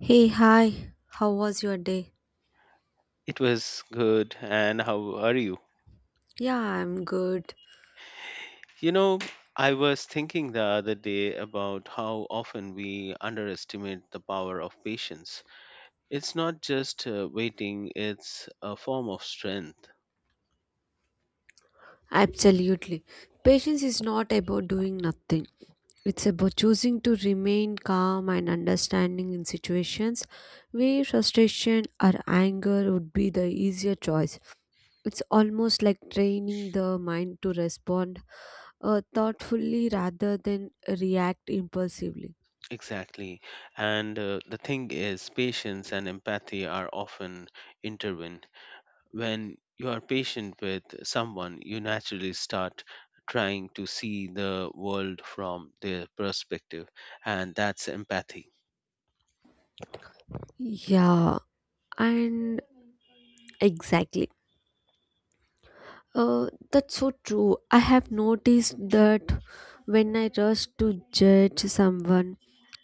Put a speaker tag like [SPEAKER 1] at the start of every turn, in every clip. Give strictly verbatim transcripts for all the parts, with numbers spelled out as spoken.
[SPEAKER 1] Hey, hi. How was your day?
[SPEAKER 2] It was good. And how are you?
[SPEAKER 1] Yeah, I'm good.
[SPEAKER 2] You know, I was thinking the other day about how often we underestimate the power of patience. It's not just uh, waiting, it's a form of strength.
[SPEAKER 1] Absolutely. Patience is not about doing nothing. It's about choosing to remain calm and understanding in situations where frustration or anger would be the easier choice. It's almost like training the mind to respond uh, thoughtfully rather than react impulsively.
[SPEAKER 2] Exactly. And uh, the thing is, patience and empathy are often intertwined. When you are patient with someone, you naturally start trying to see the world from their perspective, and that's empathy.
[SPEAKER 1] Yeah, and exactly. Uh, that's so true. I have noticed that when I rush to judge someone,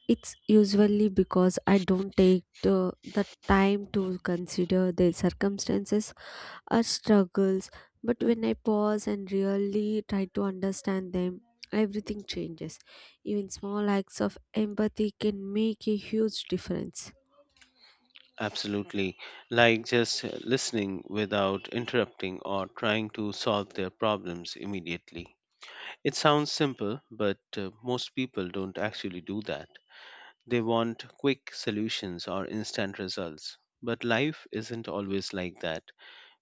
[SPEAKER 1] it's usually because I don't take the, the time to consider their circumstances or struggles. But when I pause and really try to understand them, everything changes. Even small acts of empathy can make a huge difference.
[SPEAKER 2] Absolutely. Like just uh, listening without interrupting or trying to solve their problems immediately. It sounds simple, but uh, most people don't actually do that. They want quick solutions or instant results. But life isn't always like that.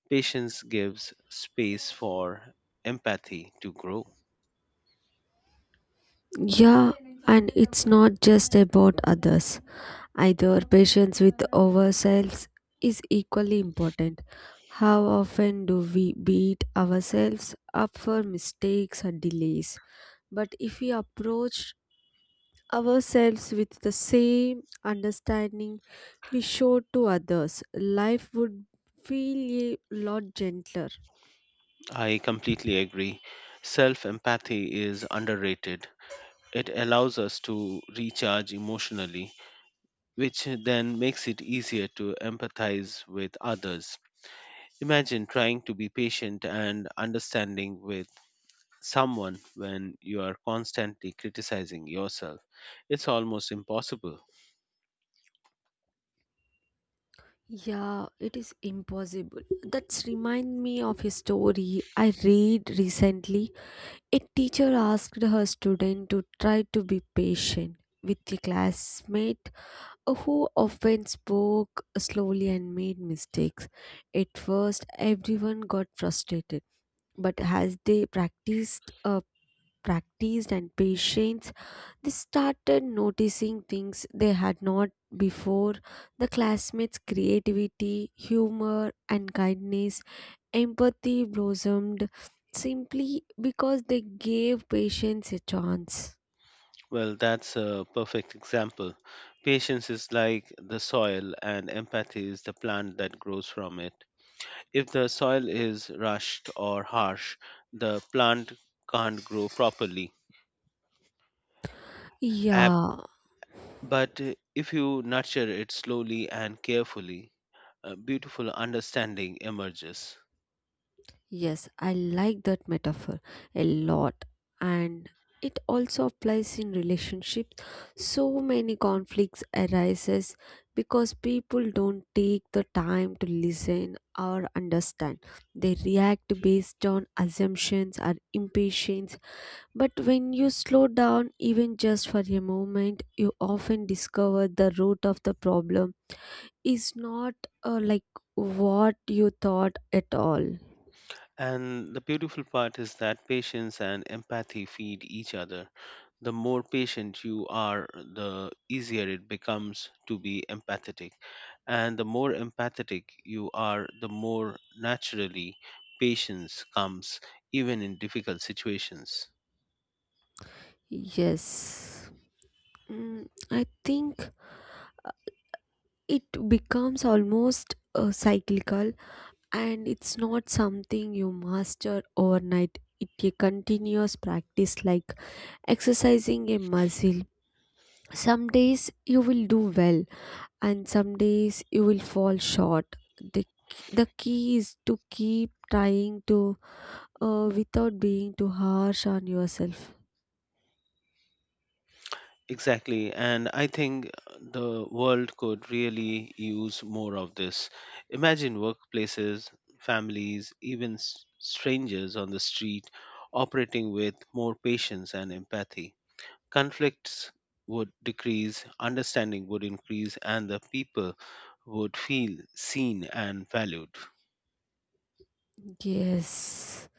[SPEAKER 2] Patience gives space for empathy to grow.
[SPEAKER 1] Yeah, and it's not just about others. Either patience with ourselves is equally important. How often do we beat ourselves up for mistakes or delays? But if we approach ourselves with the same understanding we show to others, life would feel a lot gentler.
[SPEAKER 2] I completely agree. Self empathy is underrated. It allows us to recharge emotionally, which then makes it easier to empathize with others. Imagine trying to be patient and understanding with someone when you are constantly criticizing yourself. It's almost impossible.
[SPEAKER 1] Yeah, it is impossible. That's remind me of a story I read recently. A teacher asked her student to try to be patient with a classmate who often spoke slowly and made mistakes. At first, everyone got frustrated, but as they practiced uh, practiced and patience they started noticing things they had not before. The classmates' creativity, humor, and kindness, empathy blossomed simply because they gave patience a chance.
[SPEAKER 2] Well, that's a perfect example. Patience is like the soil, and empathy is the plant that grows from it. If the soil is rushed or harsh, the plant can't grow properly.
[SPEAKER 1] Yeah.
[SPEAKER 2] But uh, if you nurture it slowly and carefully, a beautiful understanding emerges.
[SPEAKER 1] Yes, I like that metaphor a lot. And it also applies in relationships. So many conflicts arises because people don't take the time to listen or understand. They react based on assumptions or impatience. But when you slow down even just for a moment, you often discover the root of the problem is not uh, like what you thought at all.
[SPEAKER 2] And the beautiful part is that patience and empathy feed each other. The more patient you are, the easier it becomes to be empathetic. And the more empathetic you are, the more naturally patience comes, even in difficult situations.
[SPEAKER 1] Yes, Mm, I think it becomes almost uh, cyclical, and it's not something you master overnight. It's a continuous practice like exercising a muscle. Some days you will do well and some days you will fall short. The, k- the key is to keep trying to, uh, without being too harsh on yourself.
[SPEAKER 2] Exactly. And I think the world could really use more of this. Imagine workplaces, families, even s- strangers on the street operating with more patience and empathy. Conflicts would decrease, understanding would increase, and the people would feel seen and valued.
[SPEAKER 1] Yes.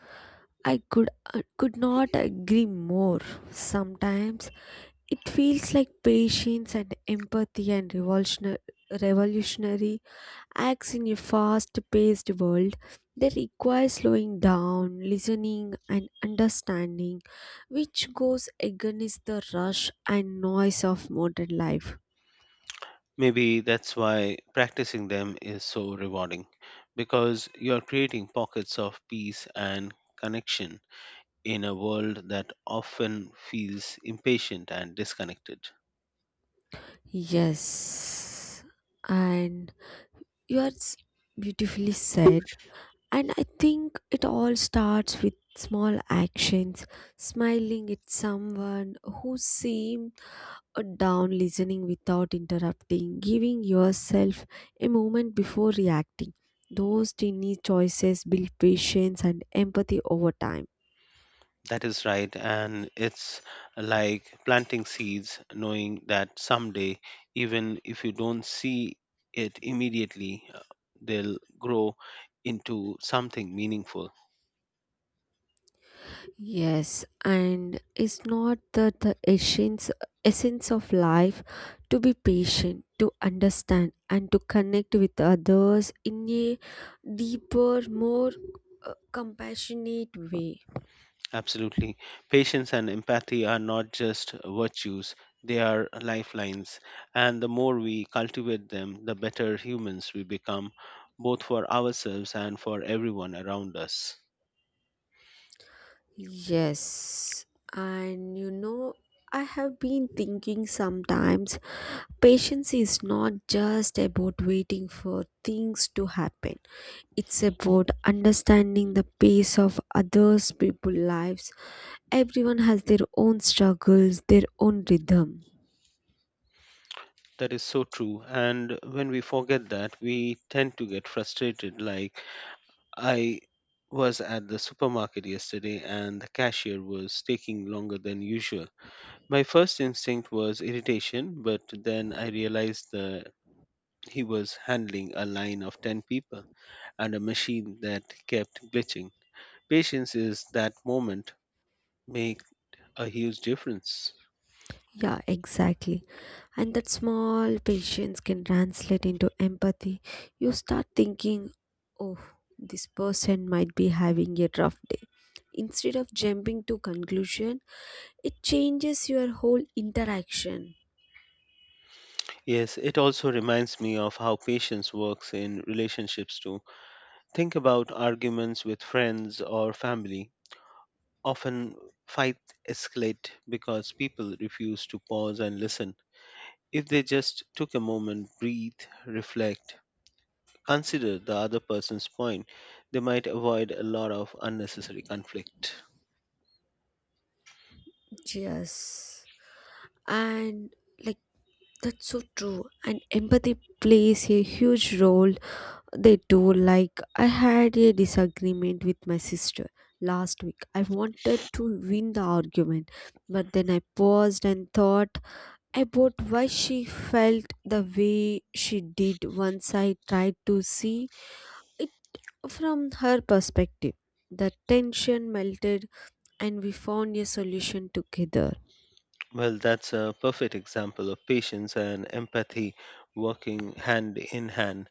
[SPEAKER 1] I could I could not agree more. Sometimes it feels like patience and empathy and revolutionary revolutionary acts in a fast-paced world that require slowing down, listening and understanding, which goes against the rush and noise of modern life.
[SPEAKER 2] Maybe that's why practicing them is so rewarding because you're creating pockets of peace and connection in a world that often feels impatient and disconnected.
[SPEAKER 1] Yes, and yours beautifully said. And I think it all starts with small actions, smiling at someone who seemed uh, down, listening without interrupting, giving yourself a moment before reacting. Those tiny choices build patience and empathy over time.
[SPEAKER 2] That is right, and it's like planting seeds, knowing that someday, even if you don't see it immediately, uh, they'll grow into something meaningful.
[SPEAKER 1] Yes, and it's not that the essence essence of life to be patient, to understand and to connect with others in a deeper, more uh, compassionate way.
[SPEAKER 2] Absolutely. Patience and empathy are not just virtues, they are lifelines. And the more we cultivate them, the better humans we become, both for ourselves and for everyone around us.
[SPEAKER 1] Yes, and you know, I have been thinking sometimes patience is not just about waiting for things to happen, it's about understanding the pace of others' people's lives. Everyone has their own struggles, their own rhythm.
[SPEAKER 2] That is so true. And when we forget that, we tend to get frustrated. Like, I was at the supermarket yesterday and the cashier was taking longer than usual. My first instinct was irritation, but then I realized the he was handling a line of ten people and a machine that kept glitching. Patience is that moment make a huge difference.
[SPEAKER 1] Yeah, exactly. And that small patience can translate into empathy. You start thinking, oh, this person might be having a rough day instead of jumping to conclusion. It changes your whole interaction.
[SPEAKER 2] Yes, it also reminds me of how patience works in relationships too. Think about arguments with friends or family. Often fights escalate because people refuse to pause and listen. If they just took a moment, breathe, reflect, consider the other person's point. They might avoid a lot of unnecessary conflict.
[SPEAKER 1] Yes, and like, that's so true, and empathy plays a huge role. They do. Like, I had a disagreement with my sister last week. I wanted to win the argument, but then I paused and thought about why she felt the way she did. Once I tried to see it from her perspective, the tension melted and we found a solution together.
[SPEAKER 2] Well, that's a perfect example of patience and empathy working hand in hand.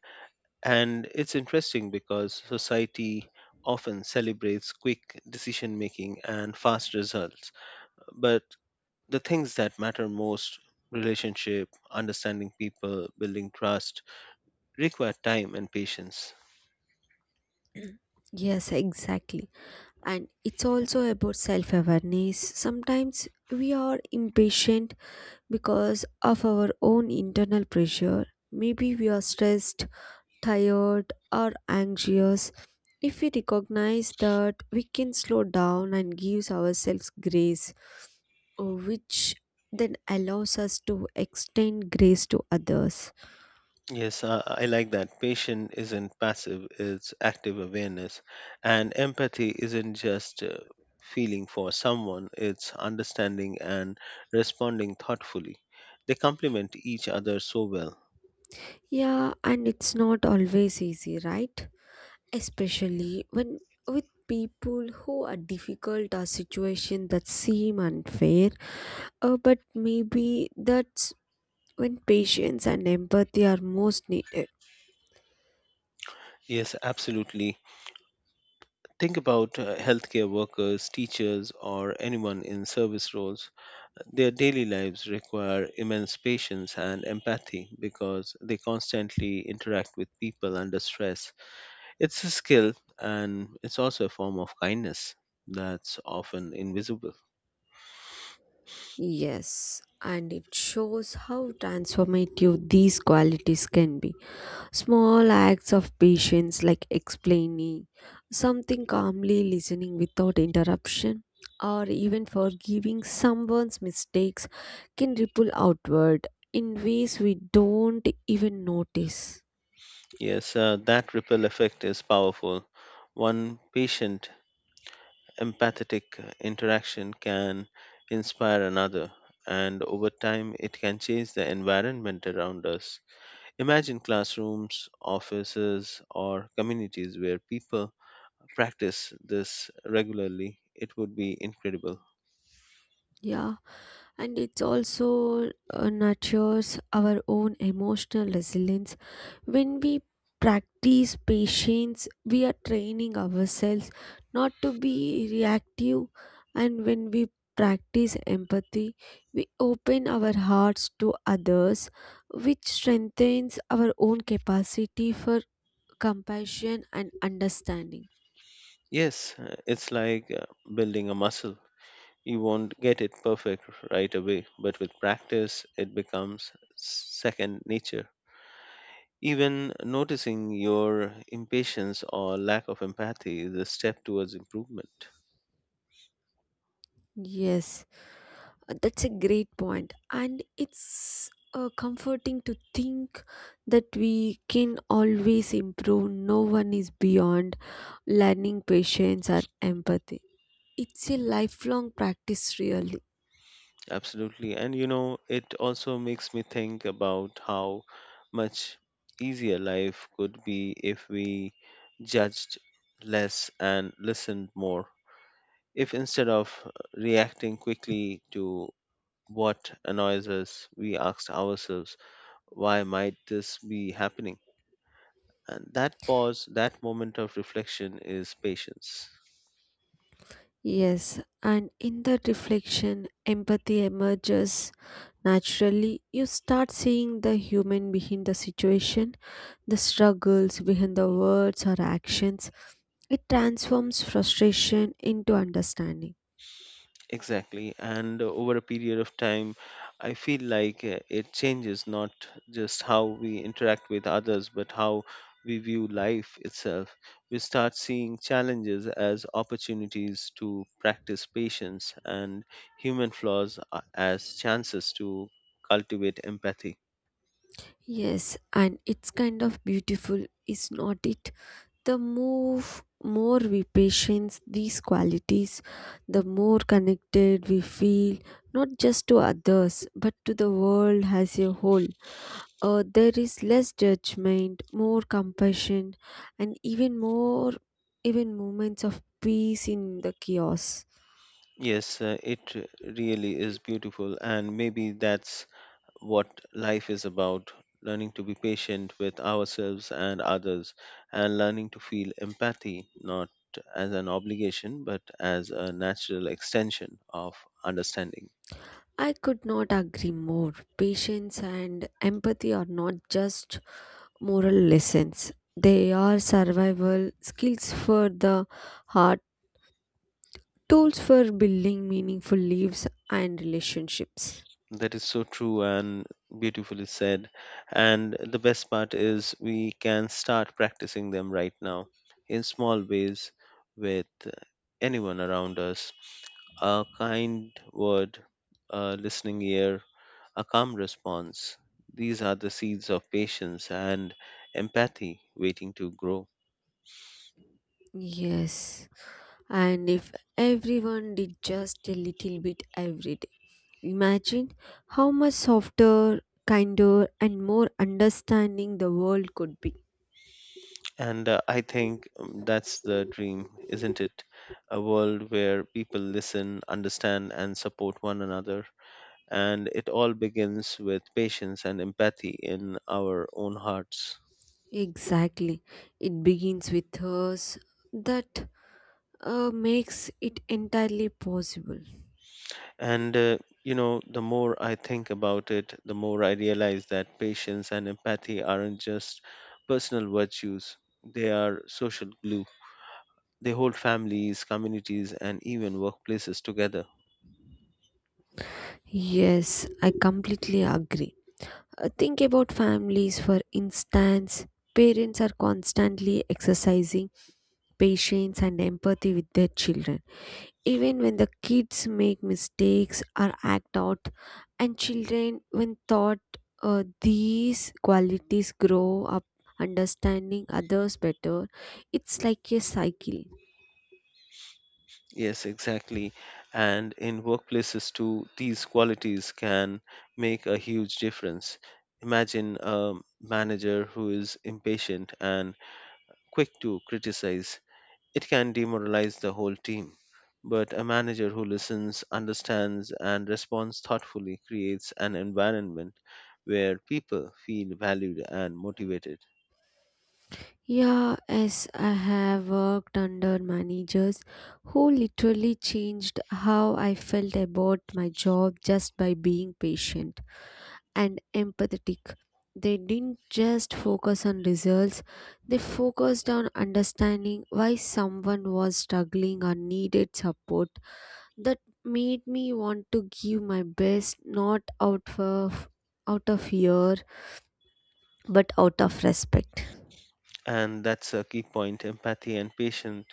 [SPEAKER 2] And it's interesting because society often celebrates quick decision making and fast results. But the things that matter most, relationship, understanding people, building trust, require time and patience.
[SPEAKER 1] Yes, exactly. And it's also about self awareness. Sometimes we are impatient because of our own internal pressure. Maybe we are stressed, tired, or anxious. If we recognize that, we can slow down and gives ourselves grace, uh, which then allows us to extend grace to others.
[SPEAKER 2] Yes, uh, I like that. Patient isn't passive, it's active awareness. And empathy isn't just uh, feeling for someone, it's understanding and responding thoughtfully. They complement each other so well.
[SPEAKER 1] Yeah, and it's not always easy, right? Especially when with people who are difficult or situation that seem unfair. Uh, but maybe that's when patience and empathy are most needed.
[SPEAKER 2] Yes, absolutely. Think about uh, healthcare workers, teachers, or anyone in service roles. Their daily lives require immense patience and empathy because they constantly interact with people under stress. It's a skill and it's also a form of kindness that's often invisible.
[SPEAKER 1] Yes, and it shows how transformative these qualities can be. Small acts of patience, like explaining something calmly, listening without interruption, or even forgiving someone's mistakes, can ripple outward in ways we don't even notice.
[SPEAKER 2] Yes, uh, that ripple effect is powerful. One patient, empathetic uh, interaction can inspire another, and over time, it can change the environment around us. Imagine classrooms, offices, or communities where people practice this regularly. It would be incredible.
[SPEAKER 1] Yeah. And it's also uh, nurtures our own emotional resilience. When we practice patience, we are training ourselves not to be reactive, and when we practice empathy, we open our hearts to others, which strengthens our own capacity for compassion and understanding.
[SPEAKER 2] Yes, uh, it's like uh, building a muscle. You won't get it perfect right away, but with practice, it becomes second nature. Even noticing your impatience or lack of empathy is a step towards improvement.
[SPEAKER 1] Yes. Uh, That's a great point, and it's uh, comforting to think that we can always improve. No one is beyond learning patience or empathy. It's a lifelong practice, really.
[SPEAKER 2] Absolutely. And you know, it also makes me think about how much easier life could be if we judged less and listened more. If instead of reacting quickly to what annoys us, we asked ourselves, why might this be happening? And that pause, that moment of reflection is patience.
[SPEAKER 1] Yes, and in that reflection, empathy emerges naturally. You start seeing the human behind the situation, the struggles behind the words or actions. It transforms frustration into understanding.
[SPEAKER 2] Exactly. And over a period of time, I feel like uh, it changes not just how we interact with others, but how we view life itself. We start seeing challenges as opportunities to practice patience and human flaws uh, as chances to cultivate empathy.
[SPEAKER 1] Yes, and it's kind of beautiful, is not it? The move more we patience these qualities, the more connected we feel, not just to others, but to the world as a whole. Uh, there is less judgment, more compassion, and even more, even moments of peace in the chaos.
[SPEAKER 2] Yes, uh, it really is beautiful, and maybe that's what life is about, learning to be patient with ourselves and others, and learning to feel empathy not as an obligation but as a natural extension of understanding.
[SPEAKER 1] I could not agree more. Patience and empathy are not just moral lessons, they are survival skills for the heart, tools for building meaningful lives and relationships.
[SPEAKER 2] That is so true and beautifully said. And the best part is, we can start practicing them right now in small ways with anyone around us, a kind word, a listening ear, a calm response. These are the seeds of patience and empathy waiting to grow.
[SPEAKER 1] Yes, and if everyone did just a little bit every day. Imagine how much softer, kinder, and more understanding the world could be.
[SPEAKER 2] And uh, I think um, that's the dream, isn't it? A world where people listen, understand, and support one another. And it all begins with patience and empathy in our own hearts.
[SPEAKER 1] Exactly. It begins with us. That, uh, makes it entirely possible.
[SPEAKER 2] And, uh, you know, the more I think about it, the more I realize that patience and empathy aren't just personal virtues, they are social glue. They hold families, communities, and even workplaces together.
[SPEAKER 1] Yes, I completely agree. Uh, think about families, for instance. Parents are constantly exercising patience and empathy with their children even when the kids make mistakes or act out, and children when taught, uh, these qualities grow up understanding others better. It's like a cycle.
[SPEAKER 2] Yes, exactly. And in workplaces, too, these qualities can make a huge difference. Imagine a manager who is impatient and quick to criticize. It can demoralize the whole team, but a manager who listens, understands, and responds thoughtfully creates an environment where people feel valued and motivated.
[SPEAKER 1] Yeah, as I have worked under managers who literally changed how I felt about my job just by being patient and empathetic. They didn't just focus on results, they focused on understanding why someone was struggling or needed support. That made me want to give my best, not out of out of fear but out of respect.
[SPEAKER 2] And that's a key point. Empathy and patience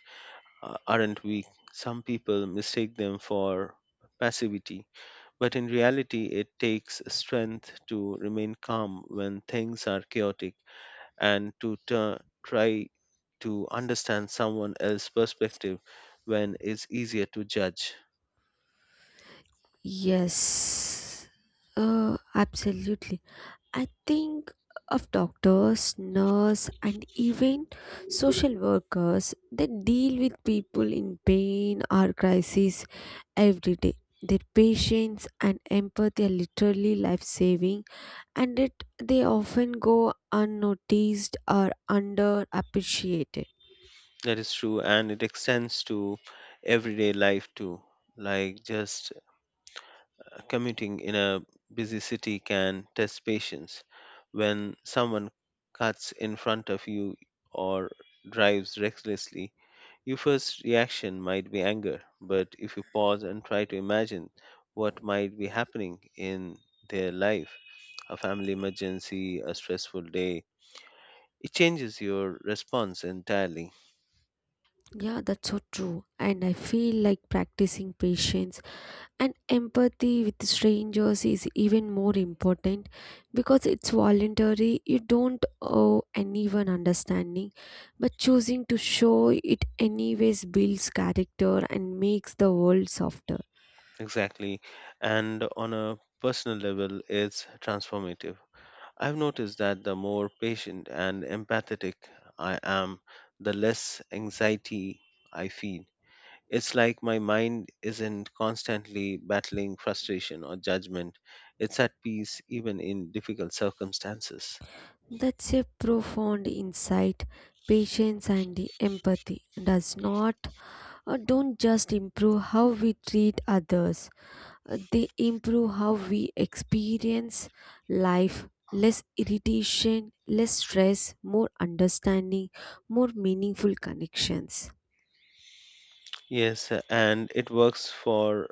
[SPEAKER 2] uh, aren't weak. Some people mistake them for passivity, but in reality, it takes strength to remain calm when things are chaotic, and to tu- try to understand someone else's perspective when it's easier to judge.
[SPEAKER 1] Yes. Uh, absolutely. I think of doctors, nurse, and even social workers that deal with people in pain or crisis every day. Their patience and empathy are literally life saving, and it, they often go unnoticed or underappreciated.
[SPEAKER 2] That is true, and it extends to everyday life too. Like just commuting in a busy city can test patience. When someone cuts in front of you or drives recklessly, your first reaction might be anger, but if you pause and try to imagine what might be happening in their life, a family emergency, a stressful day, it changes your response entirely.
[SPEAKER 1] Yeah, that's so true. And I feel like practicing patience and empathy with strangers is even more important because it's voluntary. You don't owe anyone understanding, but choosing to show it anyways builds character and makes the world softer.
[SPEAKER 2] Exactly. And on a personal level, it's transformative. I've noticed that the more patient and empathetic I am, the less anxiety I feel. It's like my mind isn't constantly battling frustration or judgment. It's at peace even in difficult circumstances.
[SPEAKER 1] That's a profound insight. Patience and the empathy does not or don't just improve how we treat others. Uh, they improve how we experience life. Less irritation, less stress, more understanding, more meaningful connections.
[SPEAKER 2] Yes, uh, and it works for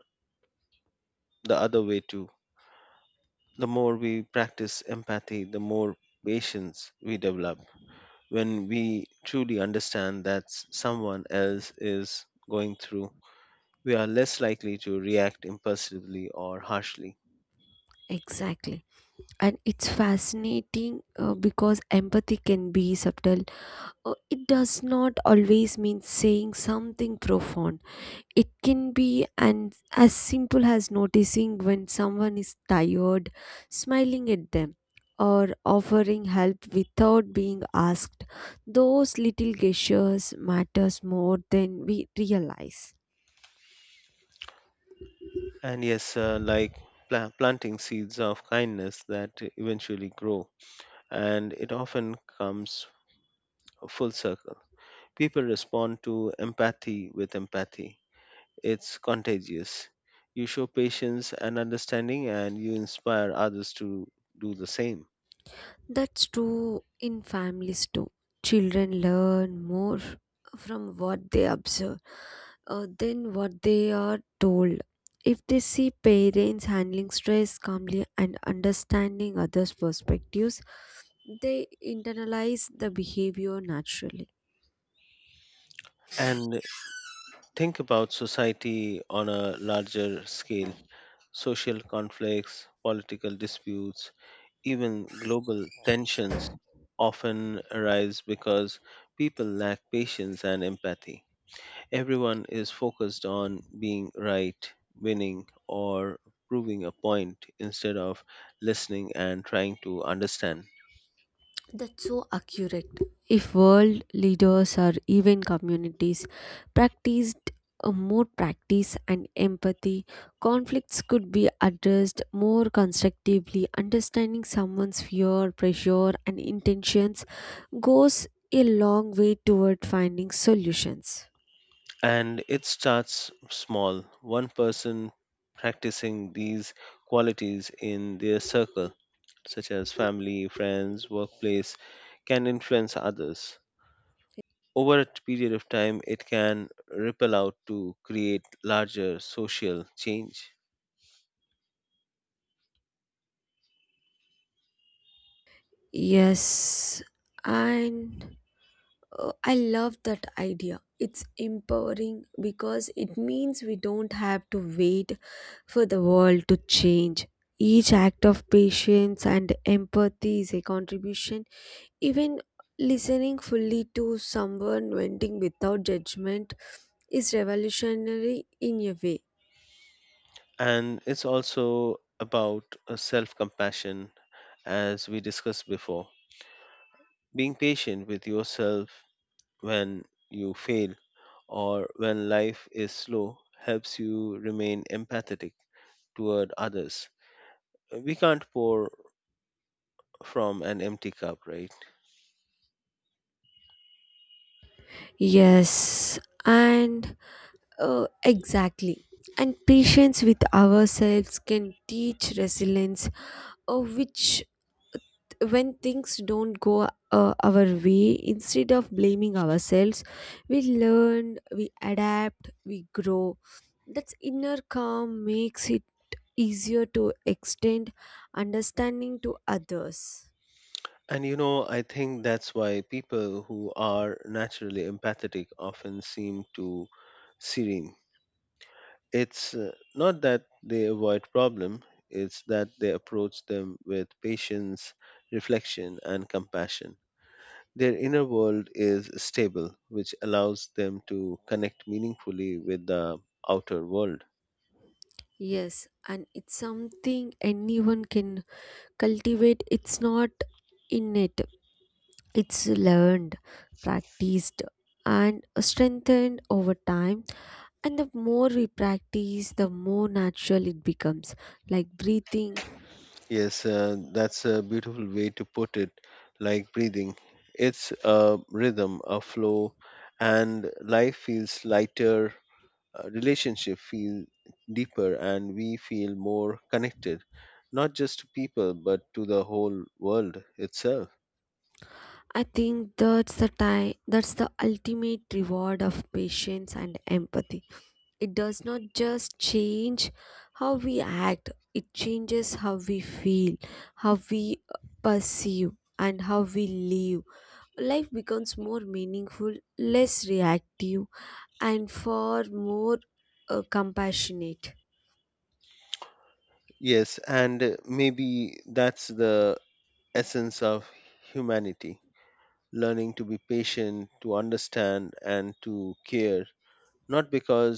[SPEAKER 2] the other way too. The more we practice empathy, the more patience we develop. When we truly understand that s- someone else is going through, we are less likely to react impulsively or harshly.
[SPEAKER 1] Exactly. And it's fascinating uh, because empathy can be subtle. Uh, it does not always mean saying something profound. It can be and as simple as noticing when someone is tired, smiling at them, or offering help without being asked. Those little gestures matters more than we realize.
[SPEAKER 2] And yes, uh, like pla- planting seeds of kindness that eventually grow and it often comes full circle. People respond to empathy with empathy. It's contagious. You show patience and understanding, and you inspire others to do the same.
[SPEAKER 1] That's true in families too. Children learn more from what they observe uh, than what they are told. If they see parents handling stress calmly and understanding others' perspectives, they internalize the behavior naturally.
[SPEAKER 2] And think about society on a larger scale, social conflicts, political disputes, even global tensions often arise because people lack patience and empathy. Everyone is focused on being right, winning, or proving a point instead of listening and trying to understand.
[SPEAKER 1] That's so accurate. If world leaders or even communities practiced, uh, more practice and empathy, conflicts could be addressed more constructively. Understanding someone's fear, pressure and intentions goes a long way toward finding solutions.
[SPEAKER 2] And it starts small, one person practicing these qualities in their circle, such as family, friends, workplace, can influence others. Over a period of time, it can ripple out to create larger social change.
[SPEAKER 1] Yes, and, Uh, I love that idea. It's empowering because it means we don't have to wait for the world to change. Each act of patience and empathy is a contribution. Even listening fully to someone venting without judgment is revolutionary in a way.
[SPEAKER 2] And it's also about self compassion, as we discussed before. Being patient with yourself when you fail or when life is slow helps you remain empathetic toward others. We can't pour from an empty cup, right?
[SPEAKER 1] Yes, and uh, exactly. And patience with ourselves can teach resilience, uh, which when things don't go uh, our way, instead of blaming ourselves, we learn, we adapt, we grow. That's inner calm makes it easier to extend understanding to others.
[SPEAKER 2] And you know, I think that's why people who are naturally empathetic often seem to serene. It's uh, not that they avoid problem, it's that they approach them with patience, reflection, and compassion. Their inner world is stable, which allows them to connect meaningfully with the outer world.
[SPEAKER 1] Yes, and it's something anyone can cultivate. It's not innate, it's learned, practiced, and strengthened over time. And the more we practice, the more natural it becomes. Like breathing,
[SPEAKER 2] Yes, uh, that's a beautiful way to put it, like breathing. It's a rhythm, a flow, and life feels lighter, uh, relationship feel deeper and we feel more connected not just to people but to the whole world itself.
[SPEAKER 1] I think that's the time, that's the ultimate reward of patience and empathy. It does not just change how we act, it changes how we feel, how we uh, perceive, and how we live. Life becomes more meaningful, less reactive, and far more uh, compassionate.
[SPEAKER 2] Yes and uh, maybe that's the essence of humanity, learning to be patient to understand and to care not because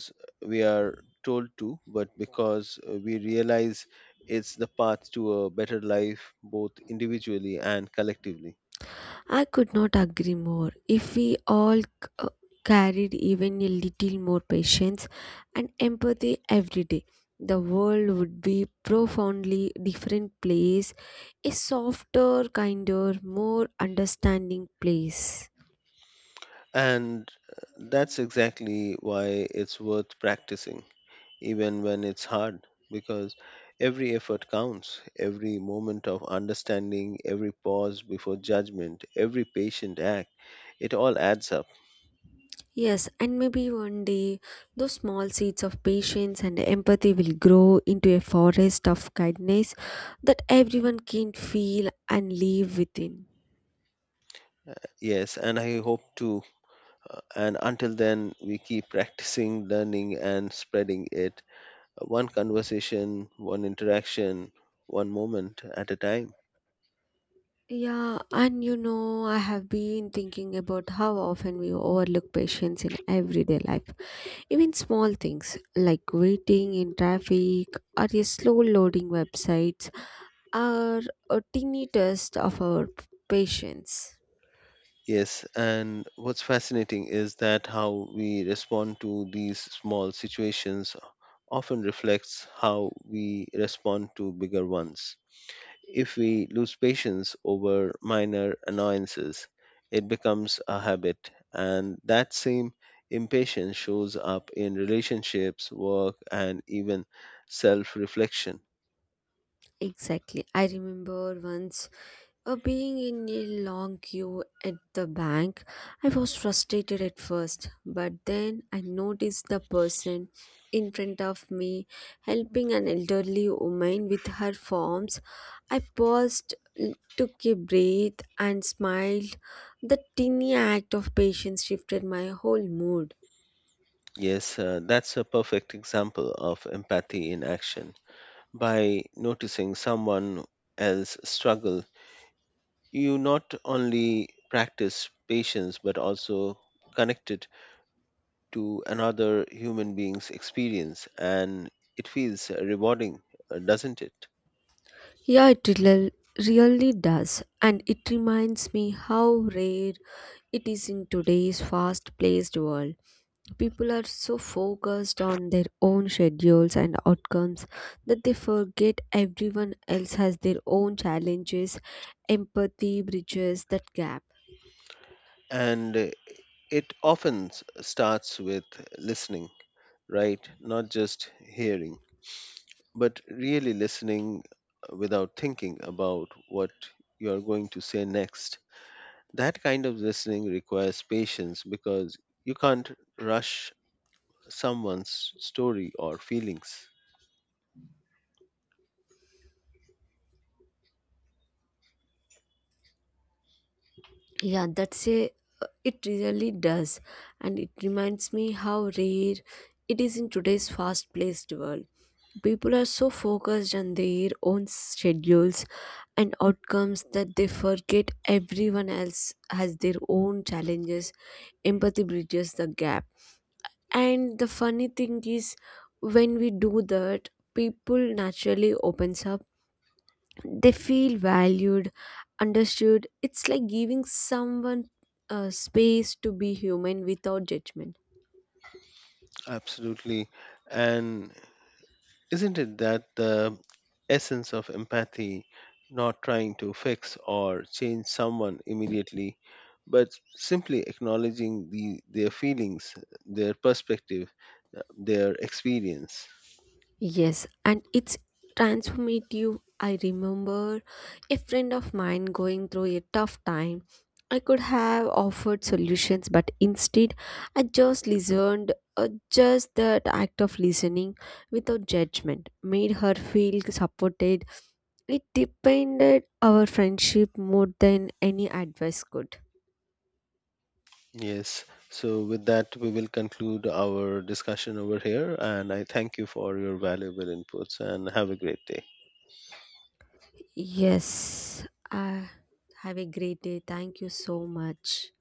[SPEAKER 2] we are told to but because uh, we realize it's the path to a better life both individually and collectively.
[SPEAKER 1] I could not agree more. If we all c- uh, carried even a little more patience and empathy every day, the world would be profoundly different place, a softer, kinder, more understanding place.
[SPEAKER 2] And uh, that's exactly why it's worth practicing, even when it's hard, because every effort counts, every moment of understanding, every pause before judgment, every patient act, it all adds up.
[SPEAKER 1] Yes, and maybe one day those small seeds of patience and empathy will grow into a forest of kindness that everyone can feel and live within.
[SPEAKER 2] Yes, and I hope to. uh, And until then, we keep practicing, learning, and spreading it, uh, one conversation, one interaction, one moment at a time.
[SPEAKER 1] Yeah, and you know, I have been thinking about how often we overlook patience in everyday life. Even small things like waiting in traffic or a slow loading websites are a teeny test of our patience.
[SPEAKER 2] Yes, and what's fascinating is that how we respond to these small situations often reflects how we respond to bigger ones. If we lose patience over minor annoyances, it becomes a habit, and that same impatience shows up in relationships, work, and even self reflection.
[SPEAKER 1] Exactly. I remember once uh, being in a long queue at the bank. I was frustrated at first, but then I noticed the person in front of me helping an elderly woman with her forms. I paused, l- took a breath, and smiled. The tiny act of patience shifted my whole mood.
[SPEAKER 2] Yes, uh, that's a perfect example of empathy in action. By noticing someone else struggle, you not only practice patience but also connect it to another human being's experience and it feels rewarding, uh, doesn't it?
[SPEAKER 1] Yeah, it rel- really does. And it reminds me how rare it is in today's fast paced world. People are so focused on their own schedules and outcomes that they forget everyone else has their own challenges. Empathy bridges that gap.
[SPEAKER 2] And uh, it often s- starts with listening, right? Not just hearing, but really listening, uh, without thinking about what you are going to say next. That kind of listening requires patience because you can't rush someone's story or feelings.
[SPEAKER 1] Yeah, that's a it really does. And it reminds me how rare it is in today's fast paced world. People are so focused on their own schedules and outcomes that they forget everyone else has their own challenges. Empathy bridges the gap. And the funny thing is, when we do that, people naturally opens up. They feel valued, understood. It's like giving someone uh, space to be human without judgment.
[SPEAKER 2] Absolutely. And isn't it that the essence of empathy, not trying to fix or change someone immediately, but simply acknowledging the, their feelings, their perspective, uh, their experience?
[SPEAKER 1] Yes, and it's transformative. I remember a friend of mine going through a tough time. I could have offered solutions, but instead, I just listened. Uh, just that act of listening without judgment made her feel supported. It depended our friendship more than any advice could.
[SPEAKER 2] Yes. So, with that, we will conclude our discussion over here. And I thank you for your valuable inputs and have a great day.
[SPEAKER 1] Yes, uh, have a great day. Thank you so much.